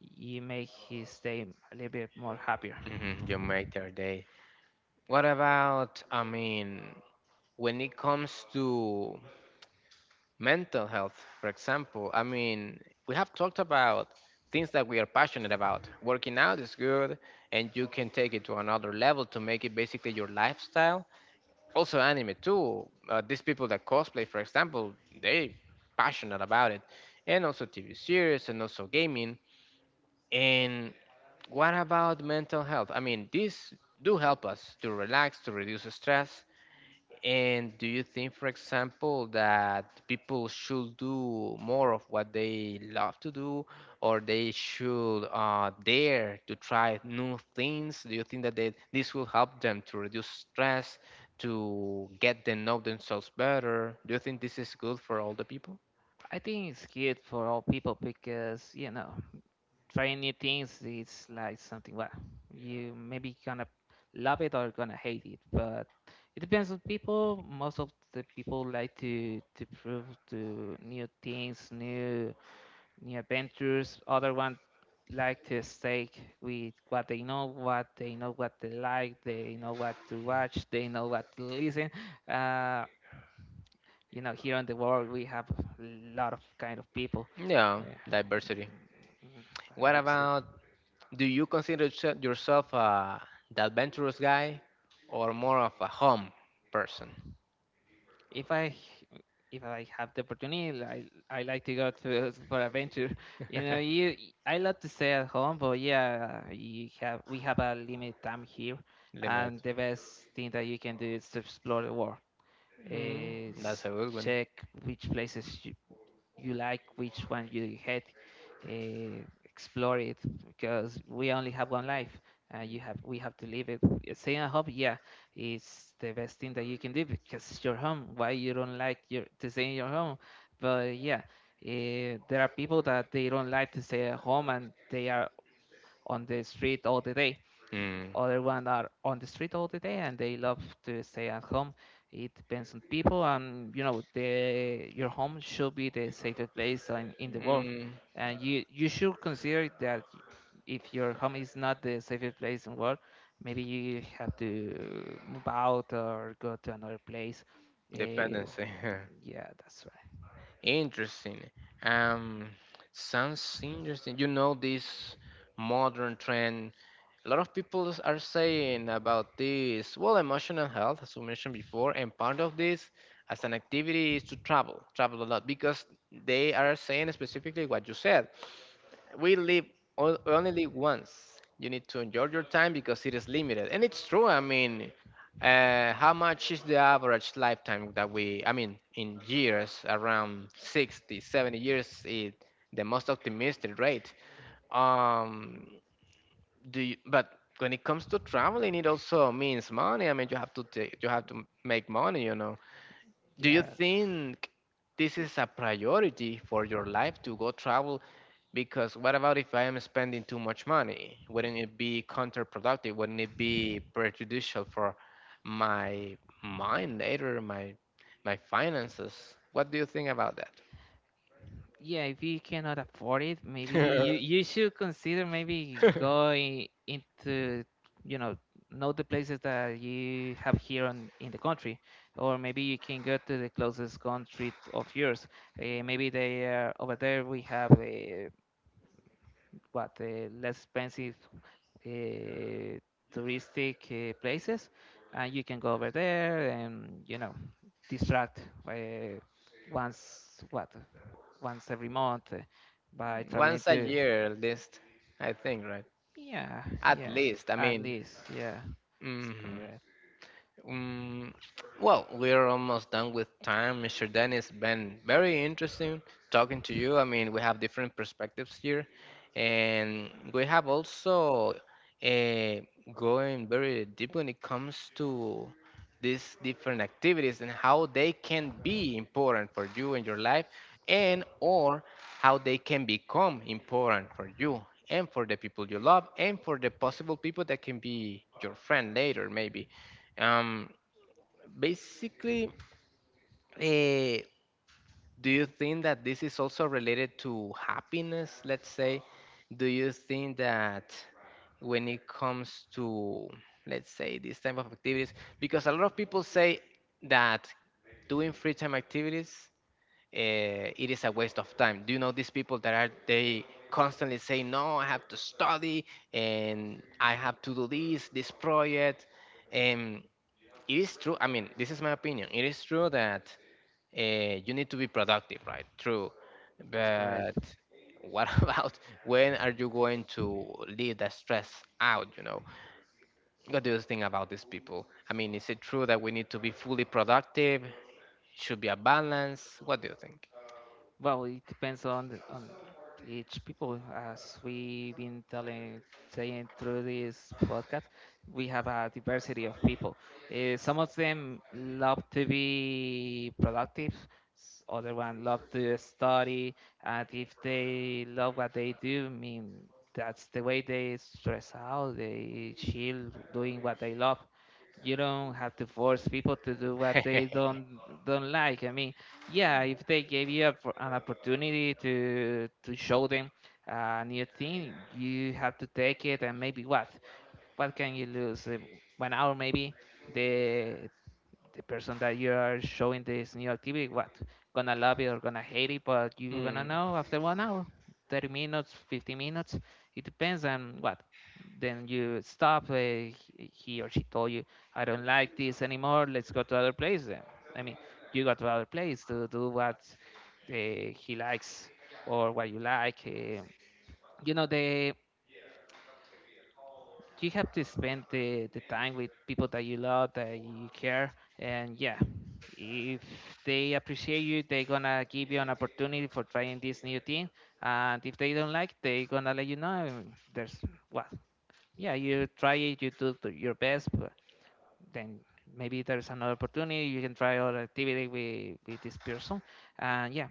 you make his day a little bit more happier.
You make their day. What about, I mean, when it comes to mental health, for example. I mean, we have talked about things that we are passionate about. Working out is good, and you can take it to another level to make it basically your lifestyle. Also, anime too. These people that cosplay, for example, they passionate about it, and also TV series, and also gaming. And what about mental health? I mean, these do help us to relax, to reduce stress, and do you think, for example, that people should do more of what they love to do, or they should dare to try new things? Do you think that this will help them to reduce stress, to get to know themselves better? Do you think this is good for all the people?
I think it's good for all people, because trying new things is like something. Well, you maybe gonna love it or gonna hate it, but it depends on people. Most of the people like to prove to new things, new adventures. Other one like to stay with what they know, what they know, what they like. They know what to watch. They know what to listen. Uh, Here in the world we have a lot of kind of people.
Yeah,
Yeah.
diversity.
Mm, mm, mm,
What
diverse city.
about, do you consider yourself the adventurous guy or more of a home person?
if i if I have the opportunity, I like to go to for adventure. you know you I love to stay at home, but yeah, you have we have a limited time here,
Limit.
and the best thing that you can do is to explore the world,
Mm, that's
is
a good one.
check which places you like, which one you hate. Explore it, because we only have one life, and you have we have to live it. Staying at home, yeah, it's the best thing that you can do, because it's your home. Why you don't like your to stay in your home? But yeah, there are people that they don't like to stay at home, and they are on the street all the day.
Mm.
Other one are on the street all the day, and they love to stay at home. It depends on people, and your home should be the safest place in the world.
Mm,
And you should consider that if your home is not the safest place in the world, maybe you have to move out or go to another place. Uh,
dependency.
yeah, that's right.
Interesting. Um, Sounds interesting. You know this modern trend. A lot of people are saying about this. Well, emotional health, as we mentioned before, and part of this as an activity is to travel, travel a lot, because they are saying specifically what you said. We only live once. You need to enjoy your time because it is limited, and it's true. I mean, how much is the average lifetime that we? I mean, in years, around 60, 70 years is the most optimistic rate. Um, do you, but when it comes to traveling, it also means money. I mean, you have to make money, Do you
Yeah,
think this is a priority for your life to go travel? Because what about if I am spending too much money? Wouldn't it be counterproductive? Wouldn't it be prejudicial for my mind later, my finances? What do you think about that?
yeah, if you cannot afford it, maybe you should consider maybe going into, you know, know the places that you have here in the country, or maybe you can go to the closest country of yours. Maybe they are over there. We have, what, less expensive, uh, touristic, places, and you can go over there and distract, uh, once what once every month, by traveling
Once a
to.
year, at least, I think, right?
Yeah,
At
yeah,
least, I
at
mean,
least, yeah. That's
mhm.
correct.
Um, well, we're almost done with time, Mr. Dan. It's been very interesting talking to you. I mean, we have different perspectives here, and we have also uh, going very deep when it comes to these different activities and how they can be important for you in your life, and or how they can become important for you and for the people you love and for the possible people that can be your friend later, maybe. Um, Basically, uh, do you think that this is also related to happiness? Let's say, do you think that when it comes to, let's say, this type of activities, because a lot of people say that doing free time activities, uh, it is a waste of time. Do you know these people that are they constantly say, no, I have to study and I have to do this, this project. And it is true. I mean, this is my opinion. It is true that you need to be productive, right? True.
That's
But
correct.
what about when are you going to leave that stress out? What do you think about these people? I mean, is it true that we need to be fully productive? Should be a balance. What do you think?
Well, it depends on on each people. As we've been saying through this podcast, we have a diversity of people, uh, some of them love to be productive. S- Other one love to study, and if they love what they do, I mean that's the way they stress out. They chill doing what they love. You don't have to force people to do what they don't like. I mean yeah, if they gave you a, po- an opportunity to show them a new thing, you have to take it and maybe what? What can you lose? 1 hour maybe. The the person that you are showing this new activity, what gonna love it or gonna hate it, but you gonna
Mm.
know after 1 hour, 30 minutes, 50 minutes. It depends on what. Then you stop. He he or she told you, I don't like this anymore. Let's go to other place. Then I mean, you go to other place to do what he likes or what you like. You know the you have to spend the time with people that you love that you care and yeah if they appreciate you they're gonna give you an opportunity for trying this new thing and if they don't like they're gonna let you know and there's well yeah you try it you do the- your best but then maybe there's another opportunity you can try other activity with this person and yeah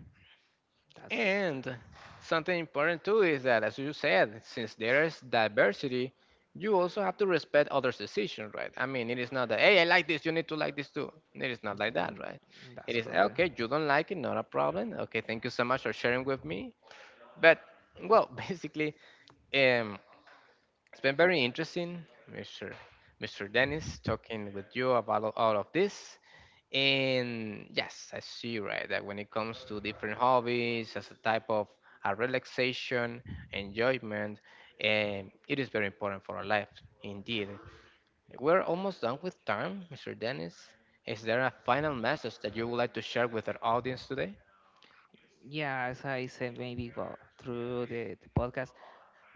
that's
And something important too is that, as you said, since there is diversity, you also have to respect others' decision, right? I mean, it is not that, hey, I like this, you need to like this too. It is not like that, right? It
that's
is,
correct
okay, you don't like it, not a problem. Okay, thank you so much for sharing with me. But, well, basically, um, it's been very interesting, Mr. Mr. Dennis, talking with you about all of this. And yes, I see right that when it comes to different hobbies as a type of a relaxation, enjoyment, it is very important for our life indeed. We're almost done with time, Mr. Dennis. Is there a final message that you would like to share with our audience today?
yeah as I said maybe go through the podcast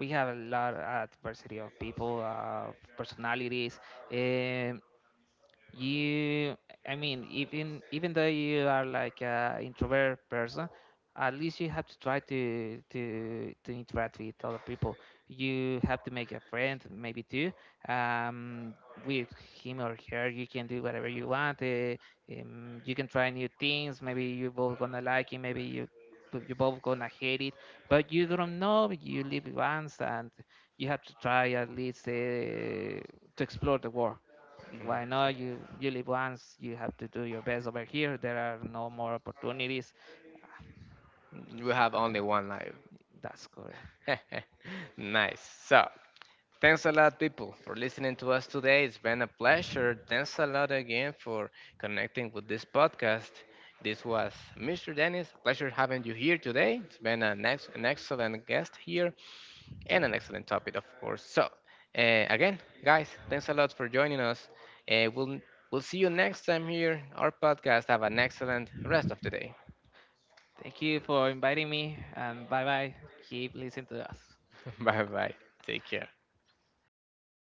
We have a lot of diversity of people, personalities. Um, you I mean, even though you are like a introvert person, at least you have to try to interact with other people. You have to make a friend, maybe two, um with him or her. You can do whatever you want. You can try new things, maybe you both gonna like it, maybe you both gonna hate it. But you don't know, you live once, and you have to try at least, to explore the world.
Mm.
Why not? You live once, you have to do your best over here. There are no more opportunities.
We have
Uh,
only one life.
That's correct.
Nice. So, thanks a lot, people, for listening to us today. It's been a pleasure. Thanks a lot again for connecting with this podcast. This was Mr. Dennis. Pleasure having you here today. It's been an excellent guest here and an excellent topic, of course. So, again, guys, thanks a lot for joining us. We'll see you next time here. Our podcast. Have an excellent rest of the day.
Thank you for inviting me, and bye bye. Keep listening to us.
Bye bye. Take care.